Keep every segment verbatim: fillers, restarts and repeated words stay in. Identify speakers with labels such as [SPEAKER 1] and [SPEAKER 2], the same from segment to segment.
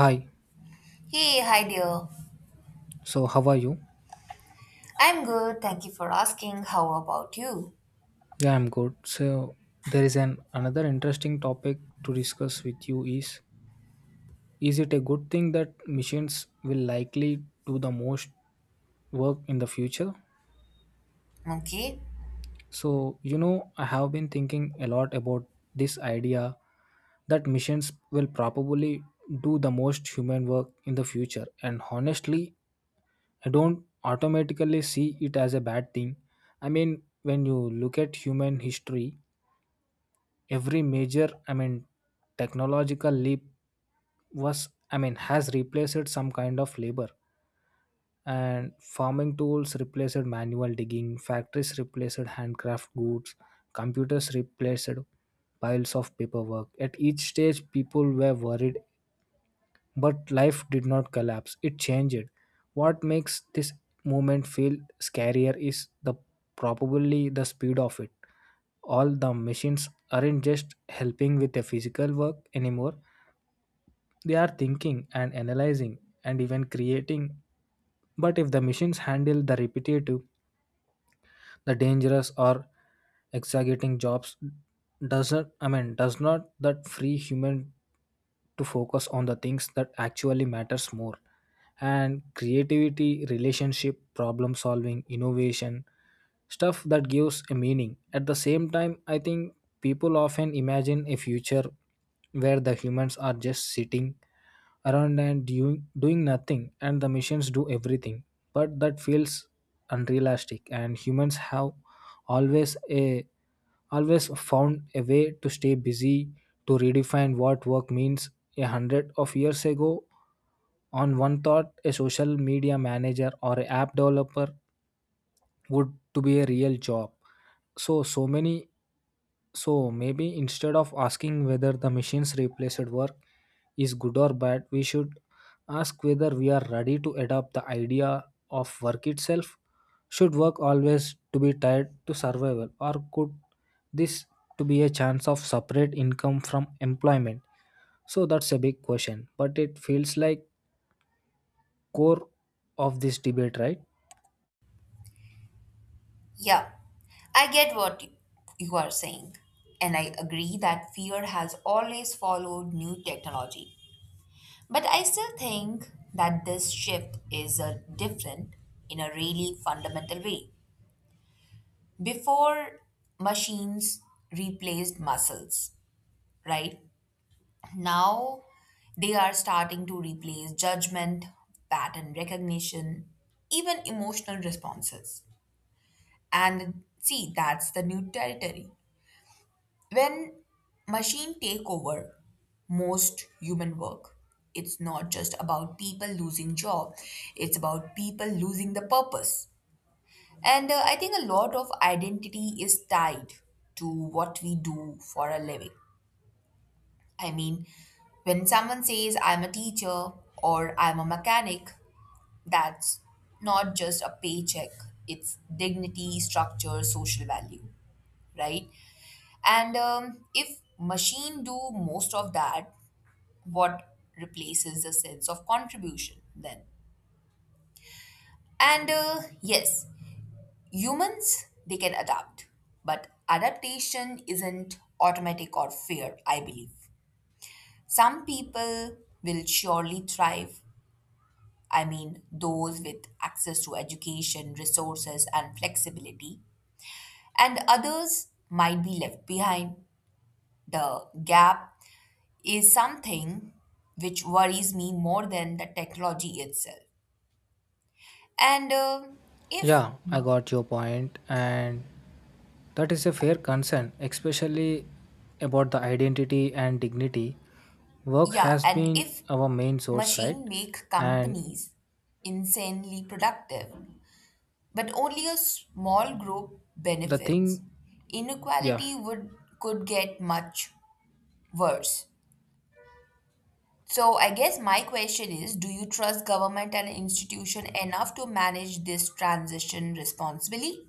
[SPEAKER 1] Hi,
[SPEAKER 2] Hey, hi dear.
[SPEAKER 1] so how are you?
[SPEAKER 2] I'm good. Thank you for asking. How about you?
[SPEAKER 1] Yeah, I'm good. So there is an another interesting topic to discuss with you is is it a good thing that machines will likely do the most work in the future?
[SPEAKER 2] Okay.
[SPEAKER 1] So, you know, I have been thinking a lot about this idea that machines will probably do the most human work in the future and honestly, I don't automatically see it as a bad thing. I mean, when you look at human history, every major i mean technological leap was I mean has replaced some kind of labor. And farming tools replaced manual digging, factories replaced handcraft goods, computers replaced piles of paperwork. At each stage people were worried, but life did not collapse, it changed. What makes this movement feel scarier is the probably the speed of it. All the machines aren't just helping with the physical work anymore. They are thinking and analyzing and even creating. But if the machines handle the repetitive, the dangerous or exaggerating jobs, doesn't I mean does not that free human to focus on the things that actually matters more, and creativity, relationship, problem solving, innovation stuff that gives a meaning. At the same time, I think people often imagine a future where the humans are just sitting around and doing, doing nothing and the machines do everything, but that feels unrealistic, and humans have always a always found a way to stay busy, to redefine what work means. A hundred of years ago, on one thought a social media manager or an app developer would to be a real job. So so many, so maybe instead of asking whether the machines replaced work is good or bad, we should ask whether we are ready to adopt the idea of work itself. Should work always to be tied to survival, or could this to be a chance of separate income from employment? So that's a big question, but it feels like core of this debate, right?
[SPEAKER 2] Yeah. I get what you you are saying. And I agree that fear has always followed new technology. But I still think that this shift is a different in a really fundamental way. Before machines replaced muscles, right? Now they are starting to replace judgment, pattern recognition, even emotional responses. And see, that's the new territory. When machine take over most human work, it's not just about people losing job, it's about people losing the purpose. And uh, I think a lot of identity is tied to what we do for a living. I mean, when someone says I'm a teacher or I'm a mechanic, that's not just a paycheck, it's dignity, structure, social value, right? And um, If machine do most of that, what replaces the sense of contribution then? And uh, Yes, humans, they can adapt, but adaptation isn't automatic or fair, I believe. Some people will surely thrive I mean, those with access to education, resources, and flexibility, and others might be left behind. The gap is something which worries me more than the technology itself. And um if,
[SPEAKER 1] Yeah, I got your point, and that is a fair concern, especially about the identity and dignity. Work
[SPEAKER 2] Yeah,
[SPEAKER 1] has
[SPEAKER 2] and
[SPEAKER 1] been
[SPEAKER 2] if
[SPEAKER 1] our main source, right?
[SPEAKER 2] machine make
[SPEAKER 1] And
[SPEAKER 2] companies insanely productive, but only a small group
[SPEAKER 1] the
[SPEAKER 2] benefits,
[SPEAKER 1] thing, yeah.
[SPEAKER 2] inequality would could get much worse. So I guess my question is, do you trust government and institution enough to manage this transition responsibly?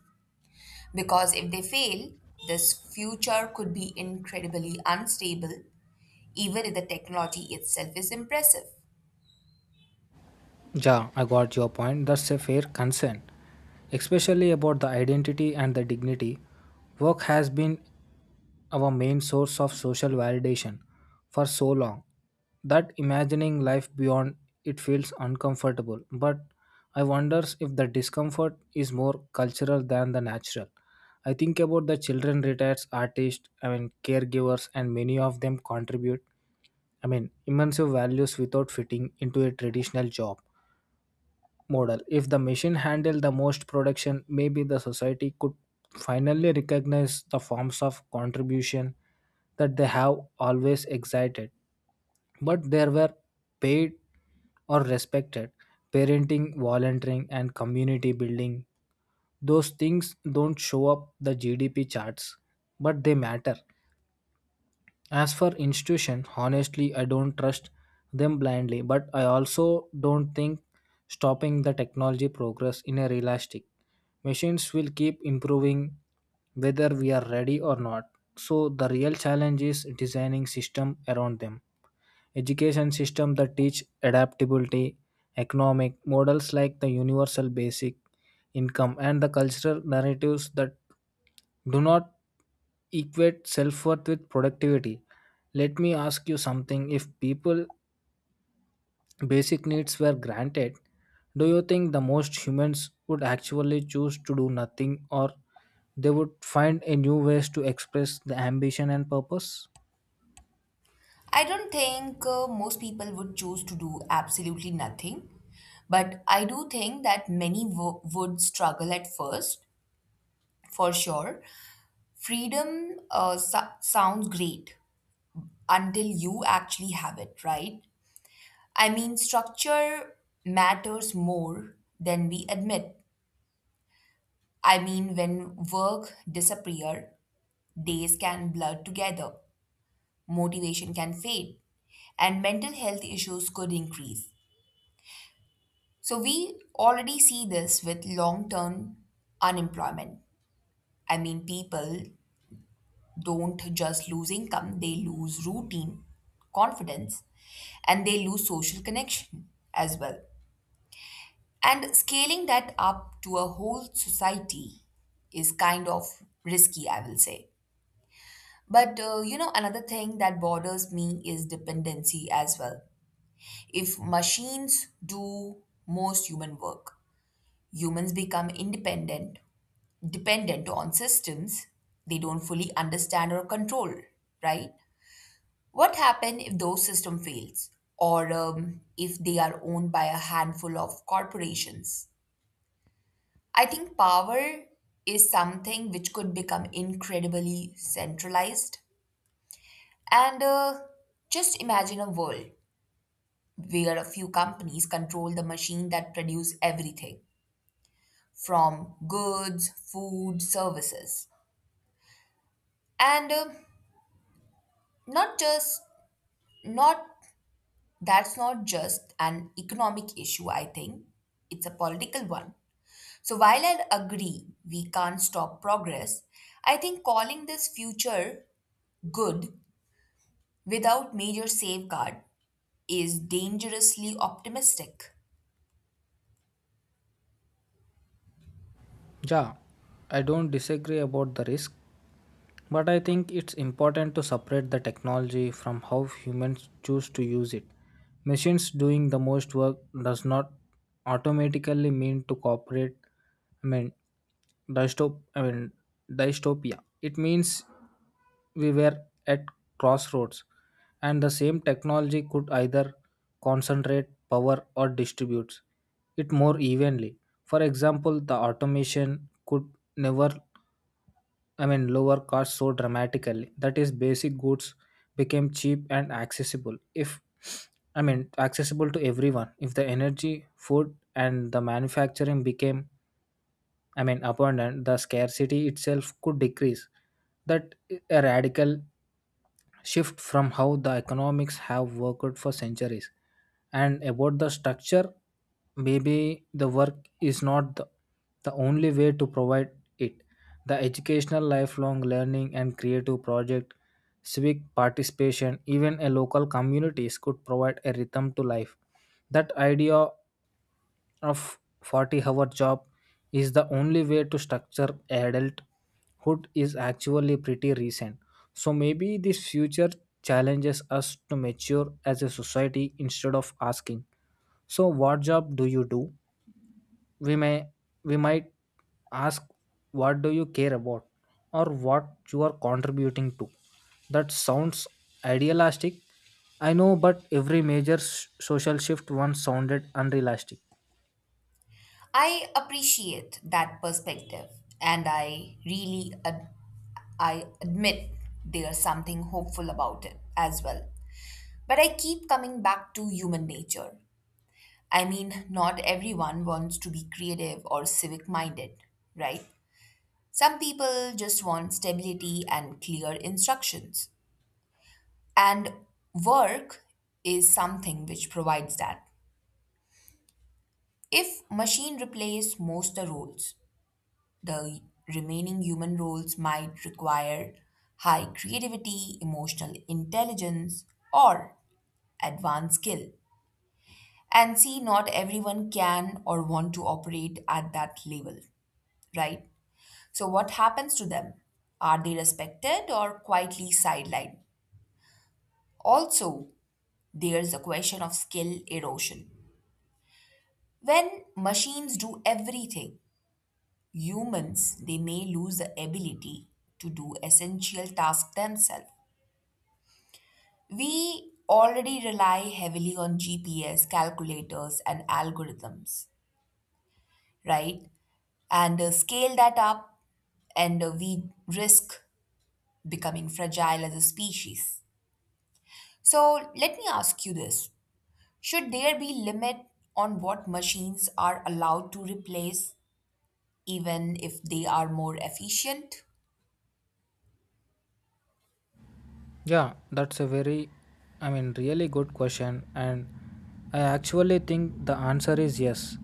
[SPEAKER 2] Because if they fail, this future could be incredibly unstable, even if the technology itself is impressive.
[SPEAKER 1] Yeah, I got your point. That's a fair concern, especially about the identity and the dignity. Work has been our main source of social validation for so long that imagining life beyond it feels uncomfortable. But I wonders if the discomfort is more cultural than the natural. I think about the children retired artists, I mean caregivers, and many of them contribute, I mean, immense values without fitting into a traditional job model. If the machine handled the most production, maybe the society could finally recognize the forms of contribution that they have always excited, but they were paid or respected. Parenting, volunteering, and community building. Those things don't show up the G D P charts, but they matter. As for institution, honestly, I don't trust them blindly, but I also don't think stopping the technology progress in a realistic. Machines will keep improving whether we are ready or not. So the real challenge is designing system around them. Education system that teach adaptability, economic models like the universal basic income, and the cultural narratives that do not equate self worth with productivity. Let me ask you something, if people basic needs were granted, do you think the most humans would actually choose to do nothing, or they would find a new ways to express the ambition and purpose?
[SPEAKER 2] I don't think uh, most people would choose to do absolutely nothing, but I do think that many wo- would struggle at first, for sure. Freedom uh, so- sounds great until you actually have it, right? I mean, structure matters more than we admit. I mean, when work disappear, days can blur together, motivation can fade, and mental health issues could increase. So we already see this with long-term unemployment. I mean, people don't just lose income, they lose routine, confidence, and they lose social connection as well. And scaling that up to a whole society is kind of risky, I will say. But uh, you know, another thing that bothers me is dependency as well. If machines do most human work, humans become independent, dependent on systems they don't fully understand or control, right? What happens if those system fails or um, if they are owned by a handful of corporations? I think power is something which could become incredibly centralized. And uh, Just imagine a world where a few companies control the machine that produce everything from goods, food, services. And uh, not just not that's not just an economic issue, I think. It's a political one. So while I agree we can't stop progress, I think calling this future good without major safeguard is dangerously optimistic.
[SPEAKER 1] Yeah, I don't disagree about the risk, but I think it's important to separate the technology from how humans choose to use it. Machines doing the most work does not automatically mean to cooperate. I mean, dystop. I mean, dystopia. It means we were at crossroads and the same technology could either concentrate power or distribute it more evenly. For example, the automation could never, I mean, lower costs so dramatically that is basic goods became cheap and accessible, if, I mean, accessible to everyone. If the energy, food, and the manufacturing became, I mean, abundant, the scarcity itself could decrease. That a radical shift from how the economics have worked for centuries. And about the structure, maybe the work is not the, the only way to provide it. The educational lifelong learning and creative project, civic participation, even a local communities could provide a rhythm to life. That idea of forty hour job is the only way to structure adulthood is actually pretty recent. So maybe this future challenges us to mature as a society. Instead of asking so what job do you do, we may we might ask, what do you care about, or what you are contributing to? That sounds idealistic, I know, but every major s- social shift once sounded unrealistic.
[SPEAKER 2] I appreciate that perspective and I really ad- I admit there's something hopeful about it as well. But I keep coming back to human nature. I mean, not everyone wants to be creative or civic minded, right? Some people just want stability and clear instructions. And work is something which provides that. If machine replace most the roles, the remaining human roles might require high creativity, emotional intelligence, or advanced skill. And see, not everyone can or want to operate at that level, right? So what happens to them? Are they respected or quietly sidelined? Also, there's a question of skill erosion. When machines do everything, humans they may lose the ability to do essential tasks themselves. We already rely heavily on GPS calculators and algorithms, right? and uh, Scale that up, and uh, we risk becoming fragile as a species. So let me ask you this, should there be limit on what machines are allowed to replace even if they are more efficient?
[SPEAKER 1] Yeah, that's a very, I mean, really good question. And I actually think the answer is yes.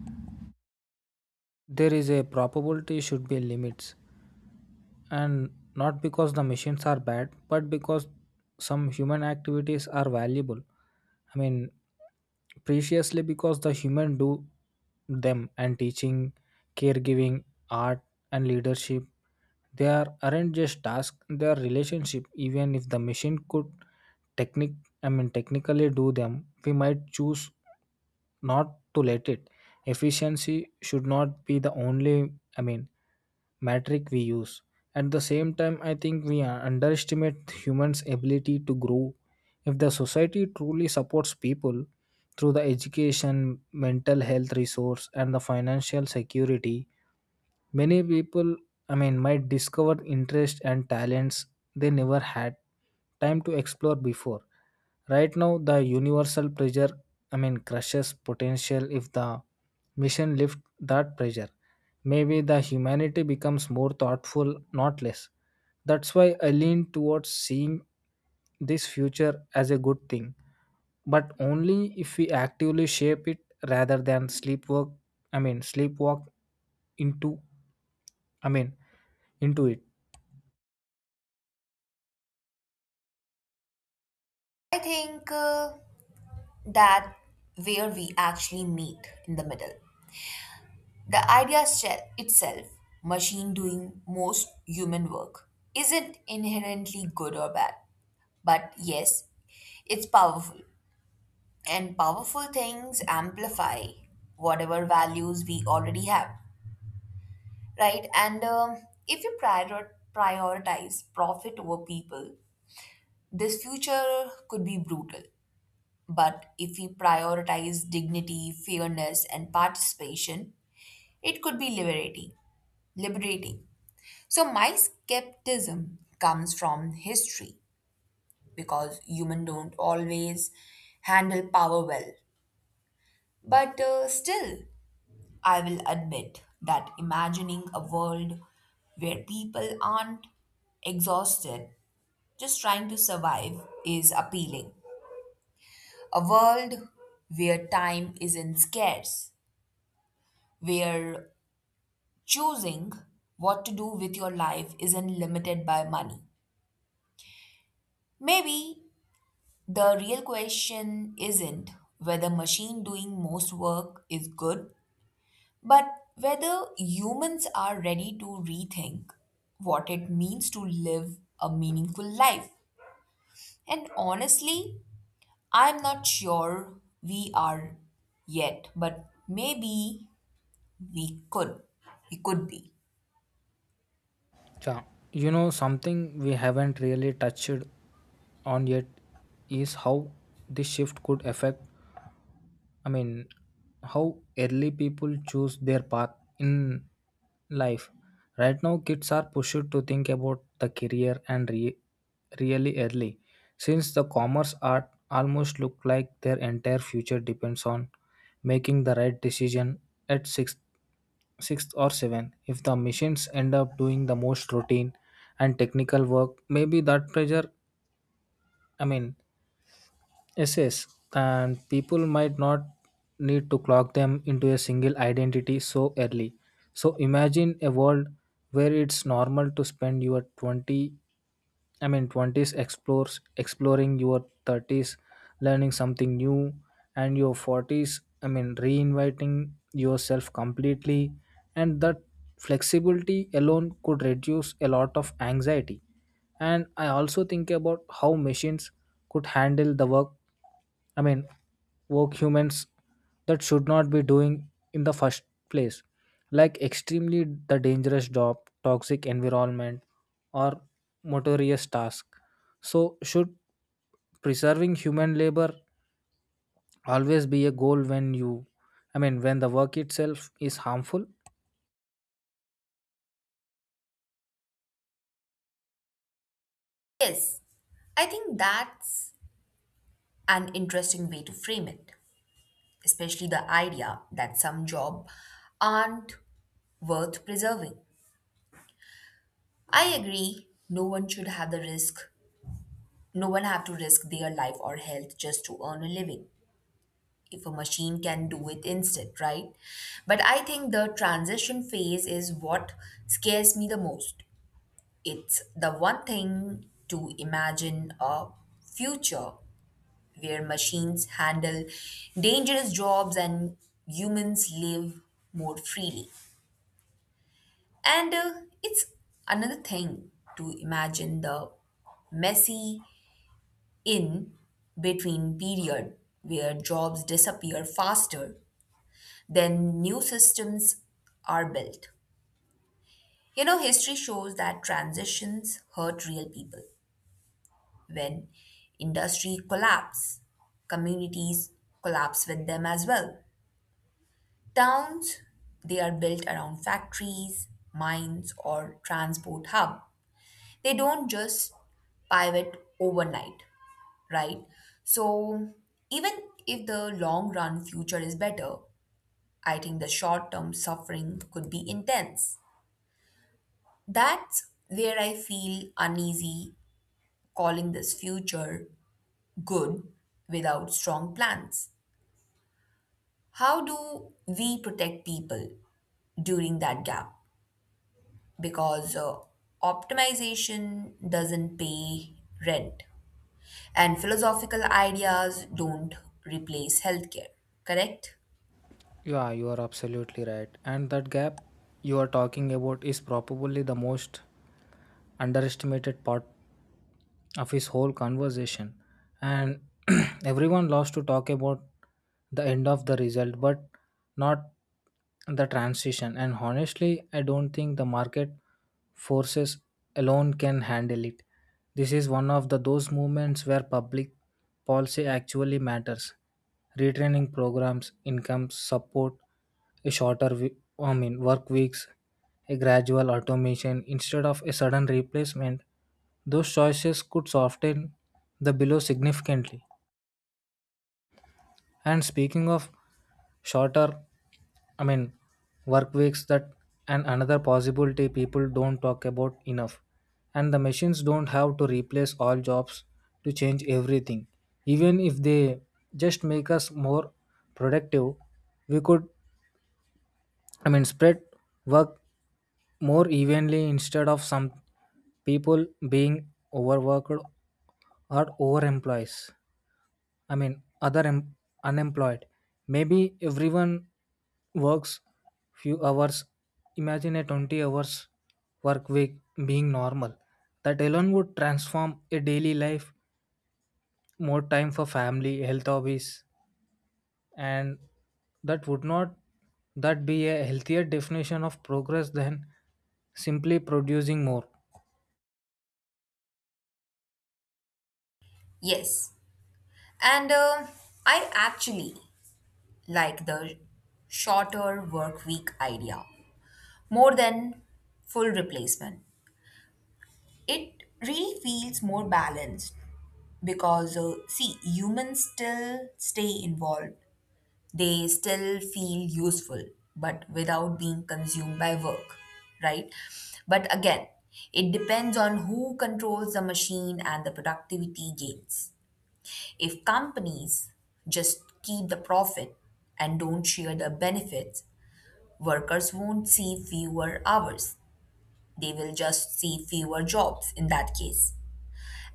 [SPEAKER 1] There is a probability should be limits, and not because the machines are bad, but because some human activities are valuable, I mean, preciously because the human do them. And teaching, caregiving, art, and leadership, they are aren't just tasks, they are relationship. Even if the machine could technic I mean technically do them, we might choose not to let it. Efficiency should not be the only, I mean, metric we use. At the same time, I think we are- underestimate humans' ability to grow. If the society truly supports people through the education, mental health resource, and the financial security, many people, I mean, might discover interests and talents they never had time to explore before. Right now, the universal pressure, I mean, crushes potential if the mission lift that pressure. Maybe the humanity becomes more thoughtful, not less. That's why I lean towards seeing this future as a good thing, but only if we actively shape it rather than sleepwalk. I mean, sleepwalk into. I mean, into it.
[SPEAKER 2] I think uh, that where we actually meet in the middle. The idea se- itself, machine doing most human work, isn't inherently good or bad. But yes, it's powerful. And powerful things amplify whatever values we already have, right? And um if you prior- prioritize profit over people, this future could be brutal. But if we prioritize dignity, fairness, and participation, it could be liberating, liberating. So my skepticism comes from history because humans don't always handle power well. But uh, still, I will admit that imagining a world where people aren't exhausted just trying to survive is appealing. A world where time isn't scarce, where choosing what to do with your life isn't limited by money. Maybe the real question isn't whether machine doing most work is good, but whether humans are ready to rethink what it means to live a meaningful life. And honestly, I'm not sure we are yet, but maybe we could. We could be.
[SPEAKER 1] Yeah, you know, something we haven't really touched on yet is how this shift could affect, I mean, how early people choose their path in life. Right now, kids are pushed to think about the career and re- really early, since the commerce art almost look like their entire future depends on making the right decision at six sixth or seventh. If the machines end up doing the most routine and technical work, maybe that pressure, I mean, yes, yes. And people might not need to clock them into a single identity so early. So imagine a world where it's normal to spend your twenty, I mean twenties, explores exploring your thirties learning something new, and your forties, I mean reinviting yourself completely. And that flexibility alone could reduce a lot of anxiety. And I also think about how machines could handle the work, I mean work humans that should not be doing in the first place. Like extremely the dangerous job, toxic environment, or motorious task. So should preserving human labor always be a goal, when you, I mean when the work itself is harmful?
[SPEAKER 2] Yes, I think that's an interesting way to frame it, especially the idea that some jobs aren't worth preserving. I agree, no one should have the risk, no one have to risk their life or health just to earn a living if a machine can do it instead, right? But I think the transition phase is what scares me the most. It's the one thing to imagine a future where machines handle dangerous jobs and humans live more freely. And uh, It's another thing to imagine the messy in between period where jobs disappear faster than new systems are built. You know, history shows that transitions hurt real people. When industry collapse, communities collapse with them as well. Towns, they are built around factories, mines, or transport hub, they don't just pivot overnight, right? So, even if the long run future is better, I think the short term suffering could be intense. That's where I feel uneasy calling this future good without strong plans. How do we protect people during that gap? Because uh, optimization doesn't pay rent. And philosophical ideas don't replace healthcare, correct?
[SPEAKER 1] Yeah, you are absolutely right, and that gap you are talking about is probably the most underestimated part of his whole conversation. And everyone loves to talk about the end of the result, but not the transition. And honestly, I don't think the market forces alone can handle it. This is one of the those movements where public policy actually matters. Retraining programs, income support, a shorter we- I mean work weeks, a gradual automation instead of a sudden replacement, those choices could soften the below significantly. And speaking of shorter, I mean, work weeks, that and another possibility people don't talk about enough. And the machines don't have to replace all jobs to change everything. Even if they just make us more productive, we could, I mean, spread work more evenly instead of some people being overworked or overemployees. I mean, other em- unemployed. Maybe everyone works few hours. Imagine a twenty hours work week being normal. That alone would transform a daily life, more time for family, health, hobbies. And that would not, that be a healthier definition of progress than simply producing more?
[SPEAKER 2] Yes. And uh, I actually like the shorter work week idea more than full replacement. It really feels more balanced because, uh, see, humans still stay involved. They still feel useful, but without being consumed by work, right? But again, it depends on who controls the machine and the productivity gains. If companies just keep the profit and don't share the benefits, workers won't see fewer hours. They will just see fewer jobs in that case.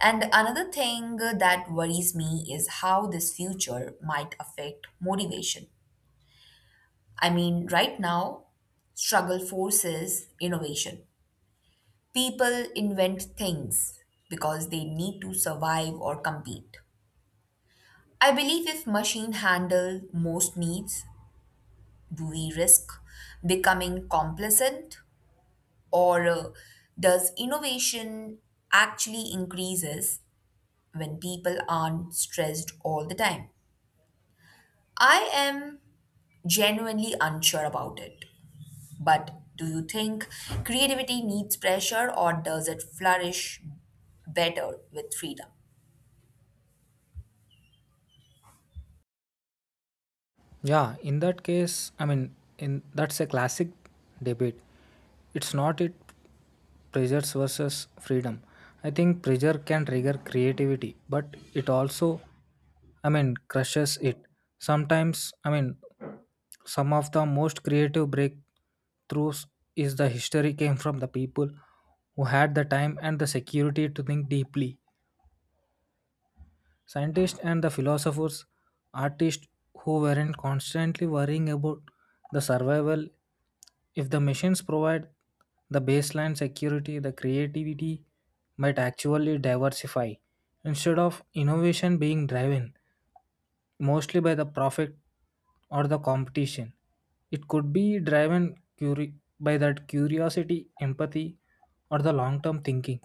[SPEAKER 2] And another thing that worries me is how this future might affect motivation. I mean, right now, struggle forces innovation. People invent things because they need to survive or compete. I believe if machine handle most needs, do we risk becoming complacent or uh, does innovation actually increases when people aren't stressed all the time? I am genuinely unsure about it. But do you think creativity needs pressure or does it flourish better with freedom?
[SPEAKER 1] Yeah, in that case, I mean, in that's a classic debate. It's not it pressures versus freedom. I think pressure can trigger creativity, but it also, I mean, crushes it sometimes. I mean, some of the most creative breakthroughs is the history came from the people who had the time and the security to think deeply. Scientists and the philosophers, artists who weren't constantly worrying about the survival. If the machines provide the baseline security, the creativity might actually diversify, instead of innovation being driven mostly by the profit or the competition. It could be driven curi- by that curiosity, empathy, or the long term thinking.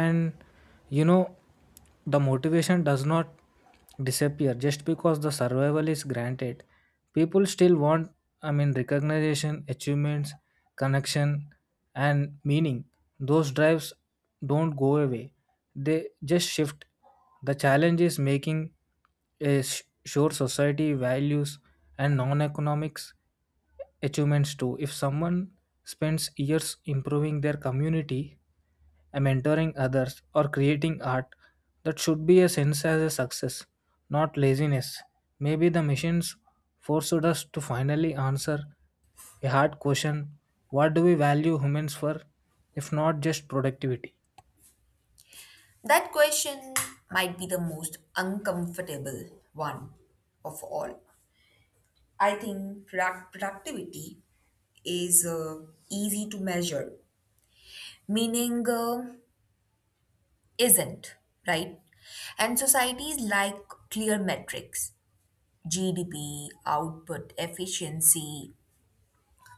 [SPEAKER 1] And, you know the motivation does not disappear just because the survival is granted. People still want, I mean, recognition, achievements, connection, and meaning. Those drives don't go away, they just shift. The challenge is making a s- sure society values and non-economics achievements too. If someone spends years improving their community, uh, mentoring others, or creating art, that should be a sense as a success, not laziness. Maybe the missions forced us to finally answer a hard question, what do we value humans for, if not just productivity?
[SPEAKER 2] That question might be the most uncomfortable one of all. I think product- productivity is uh, easy to measure, meaning uh, isn't, right? And societies like clear metrics G D P, output efficiency.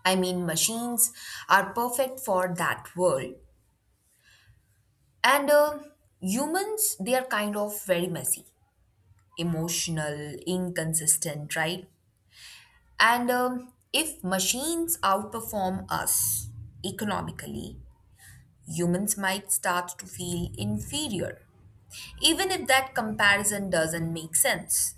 [SPEAKER 2] I mean, machines are perfect for that world. And uh, Humans, they are kind of very messy, emotional, inconsistent, right? And um, If machines outperform us economically, humans might start to feel inferior, even if that comparison doesn't make sense.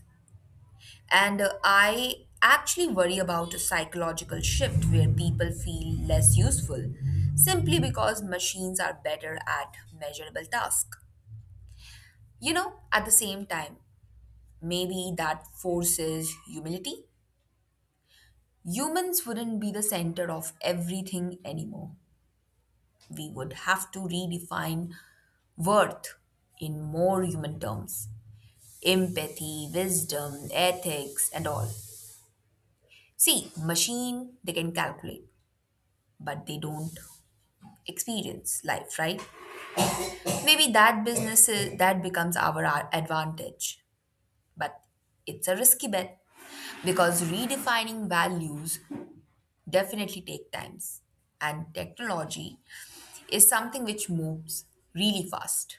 [SPEAKER 2] And uh, I actually worry about a psychological shift where people feel less useful simply because machines are better at measurable tasks. You know, at the same time, maybe that forces humility. Humans wouldn't be the center of everything anymore. We would have to redefine worth in more human terms, empathy, wisdom, ethics, and all. See, machine, they can calculate, but they don't experience life, right? Maybe that business is, That becomes our a- advantage, but it's a risky bet because redefining values definitely take times and technology is something which moves really fast.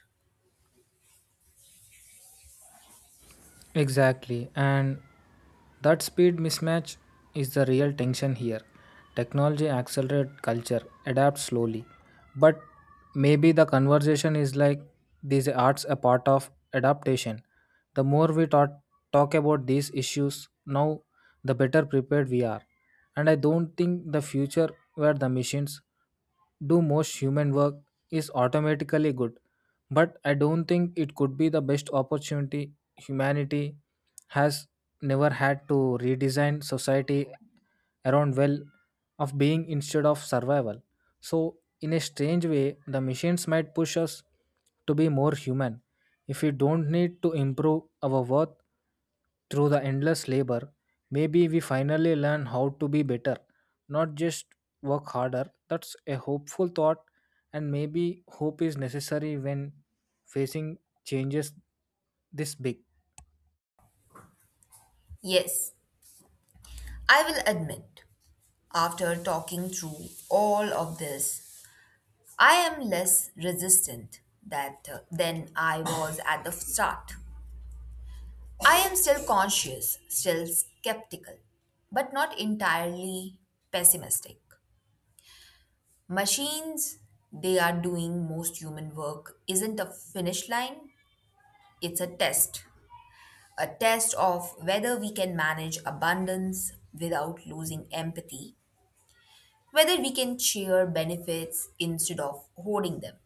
[SPEAKER 1] Exactly, and that speed mismatch is the real tension here. Technology accelerates, culture adapts slowly, but maybe the conversation is like these arts a part of adaptation. The more we talk, talk about these issues now, the better prepared we are. And I don't think the future where the machines do most human work is automatically good. But I don't think it could be the best opportunity humanity has never had to redesign society around well of being instead of survival. So, in a strange way, the machines might push us to be more human. If we don't need to improve our worth through the endless labor, maybe we finally learn how to be better, not just work harder. That's a hopeful thought, and maybe hope is necessary when facing changes this big.
[SPEAKER 2] Yes, I will admit after talking through all of this I am less resistant that uh, than I was at the start. I am still conscious, still skeptical but not entirely pessimistic. Machines they are doing most human work isn't a finish line, it's a test, a test of whether we can manage abundance without losing empathy, whether we can share benefits instead of hoarding them,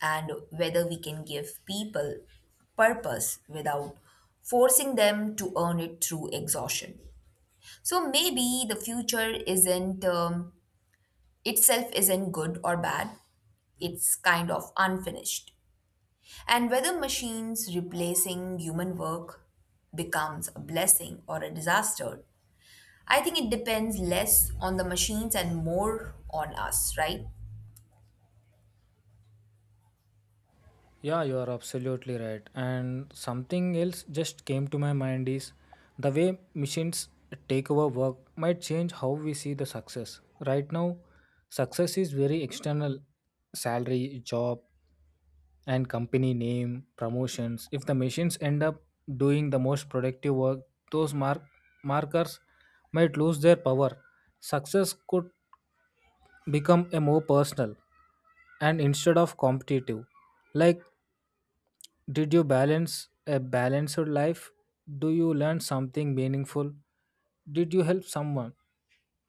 [SPEAKER 2] and whether we can give people purpose without forcing them to earn it through exhaustion. So maybe the future isn't um, itself isn't good or bad, it's kind of unfinished. And whether machines replacing human work becomes a blessing or a disaster, I think it depends less on the machines and more on us, right?
[SPEAKER 1] Yeah, you are absolutely right. And something else just came to my mind is the way machines take over work might change how we see the success. Right now, success is very external, salary, job, and company name, promotions. If the machines end up doing the most productive work, those mark- markers might lose their power. Success could become a more personal and instead of competitive, like did you balance a balanced life, do you learn something meaningful, did you help someone?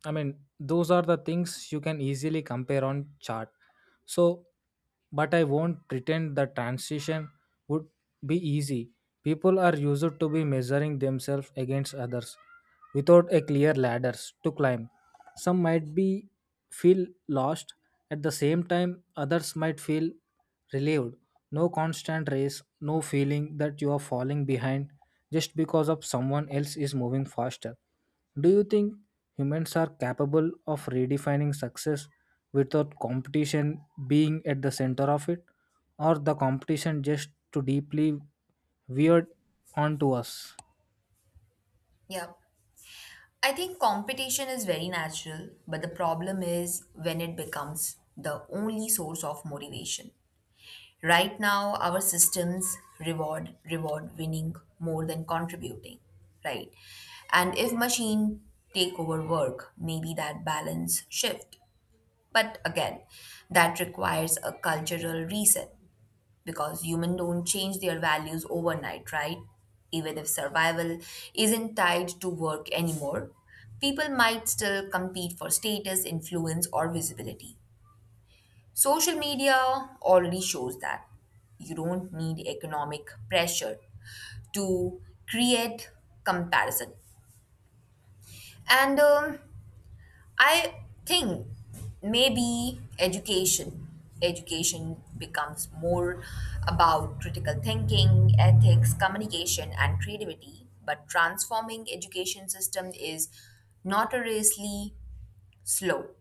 [SPEAKER 1] I mean, those are the things you can easily compare on chart. So, but I won't pretend the transition would be easy. People are used to be measuring themselves against others without a clear ladders to climb. Some might be feel lost, at the same time others might feel relieved, no constant race, no feeling that you are falling behind just because of someone else is moving faster. Do you think humans are capable of redefining success without competition being at the center of it, or the competition just too deeply weird onto us?
[SPEAKER 2] Yeah. I think competition is very natural, but the problem is when it becomes the only source of motivation. Right now, our systems reward reward winning more than contributing, right? And if machine take over work, maybe that balance shift. But again, that requires a cultural reset because humans don't change their values overnight, right? Even if survival isn't tied to work anymore, people might still compete for status, influence, or visibility. Social media already shows that you don't need economic pressure to create comparison. And um, I think maybe education education becomes more about critical thinking, ethics, communication and creativity, but transforming education system is notoriously slow.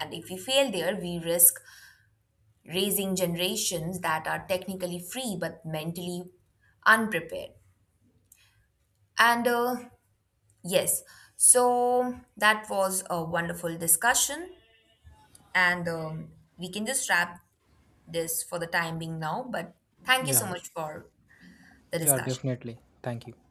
[SPEAKER 2] And if we fail there, we risk raising generations that are technically free but mentally unprepared. And uh, Yes, so that was a wonderful discussion. And um, We can just wrap this for the time being now. But thank you so
[SPEAKER 1] Yeah,
[SPEAKER 2] much for the
[SPEAKER 1] yeah,
[SPEAKER 2] discussion.
[SPEAKER 1] definitely. Thank you.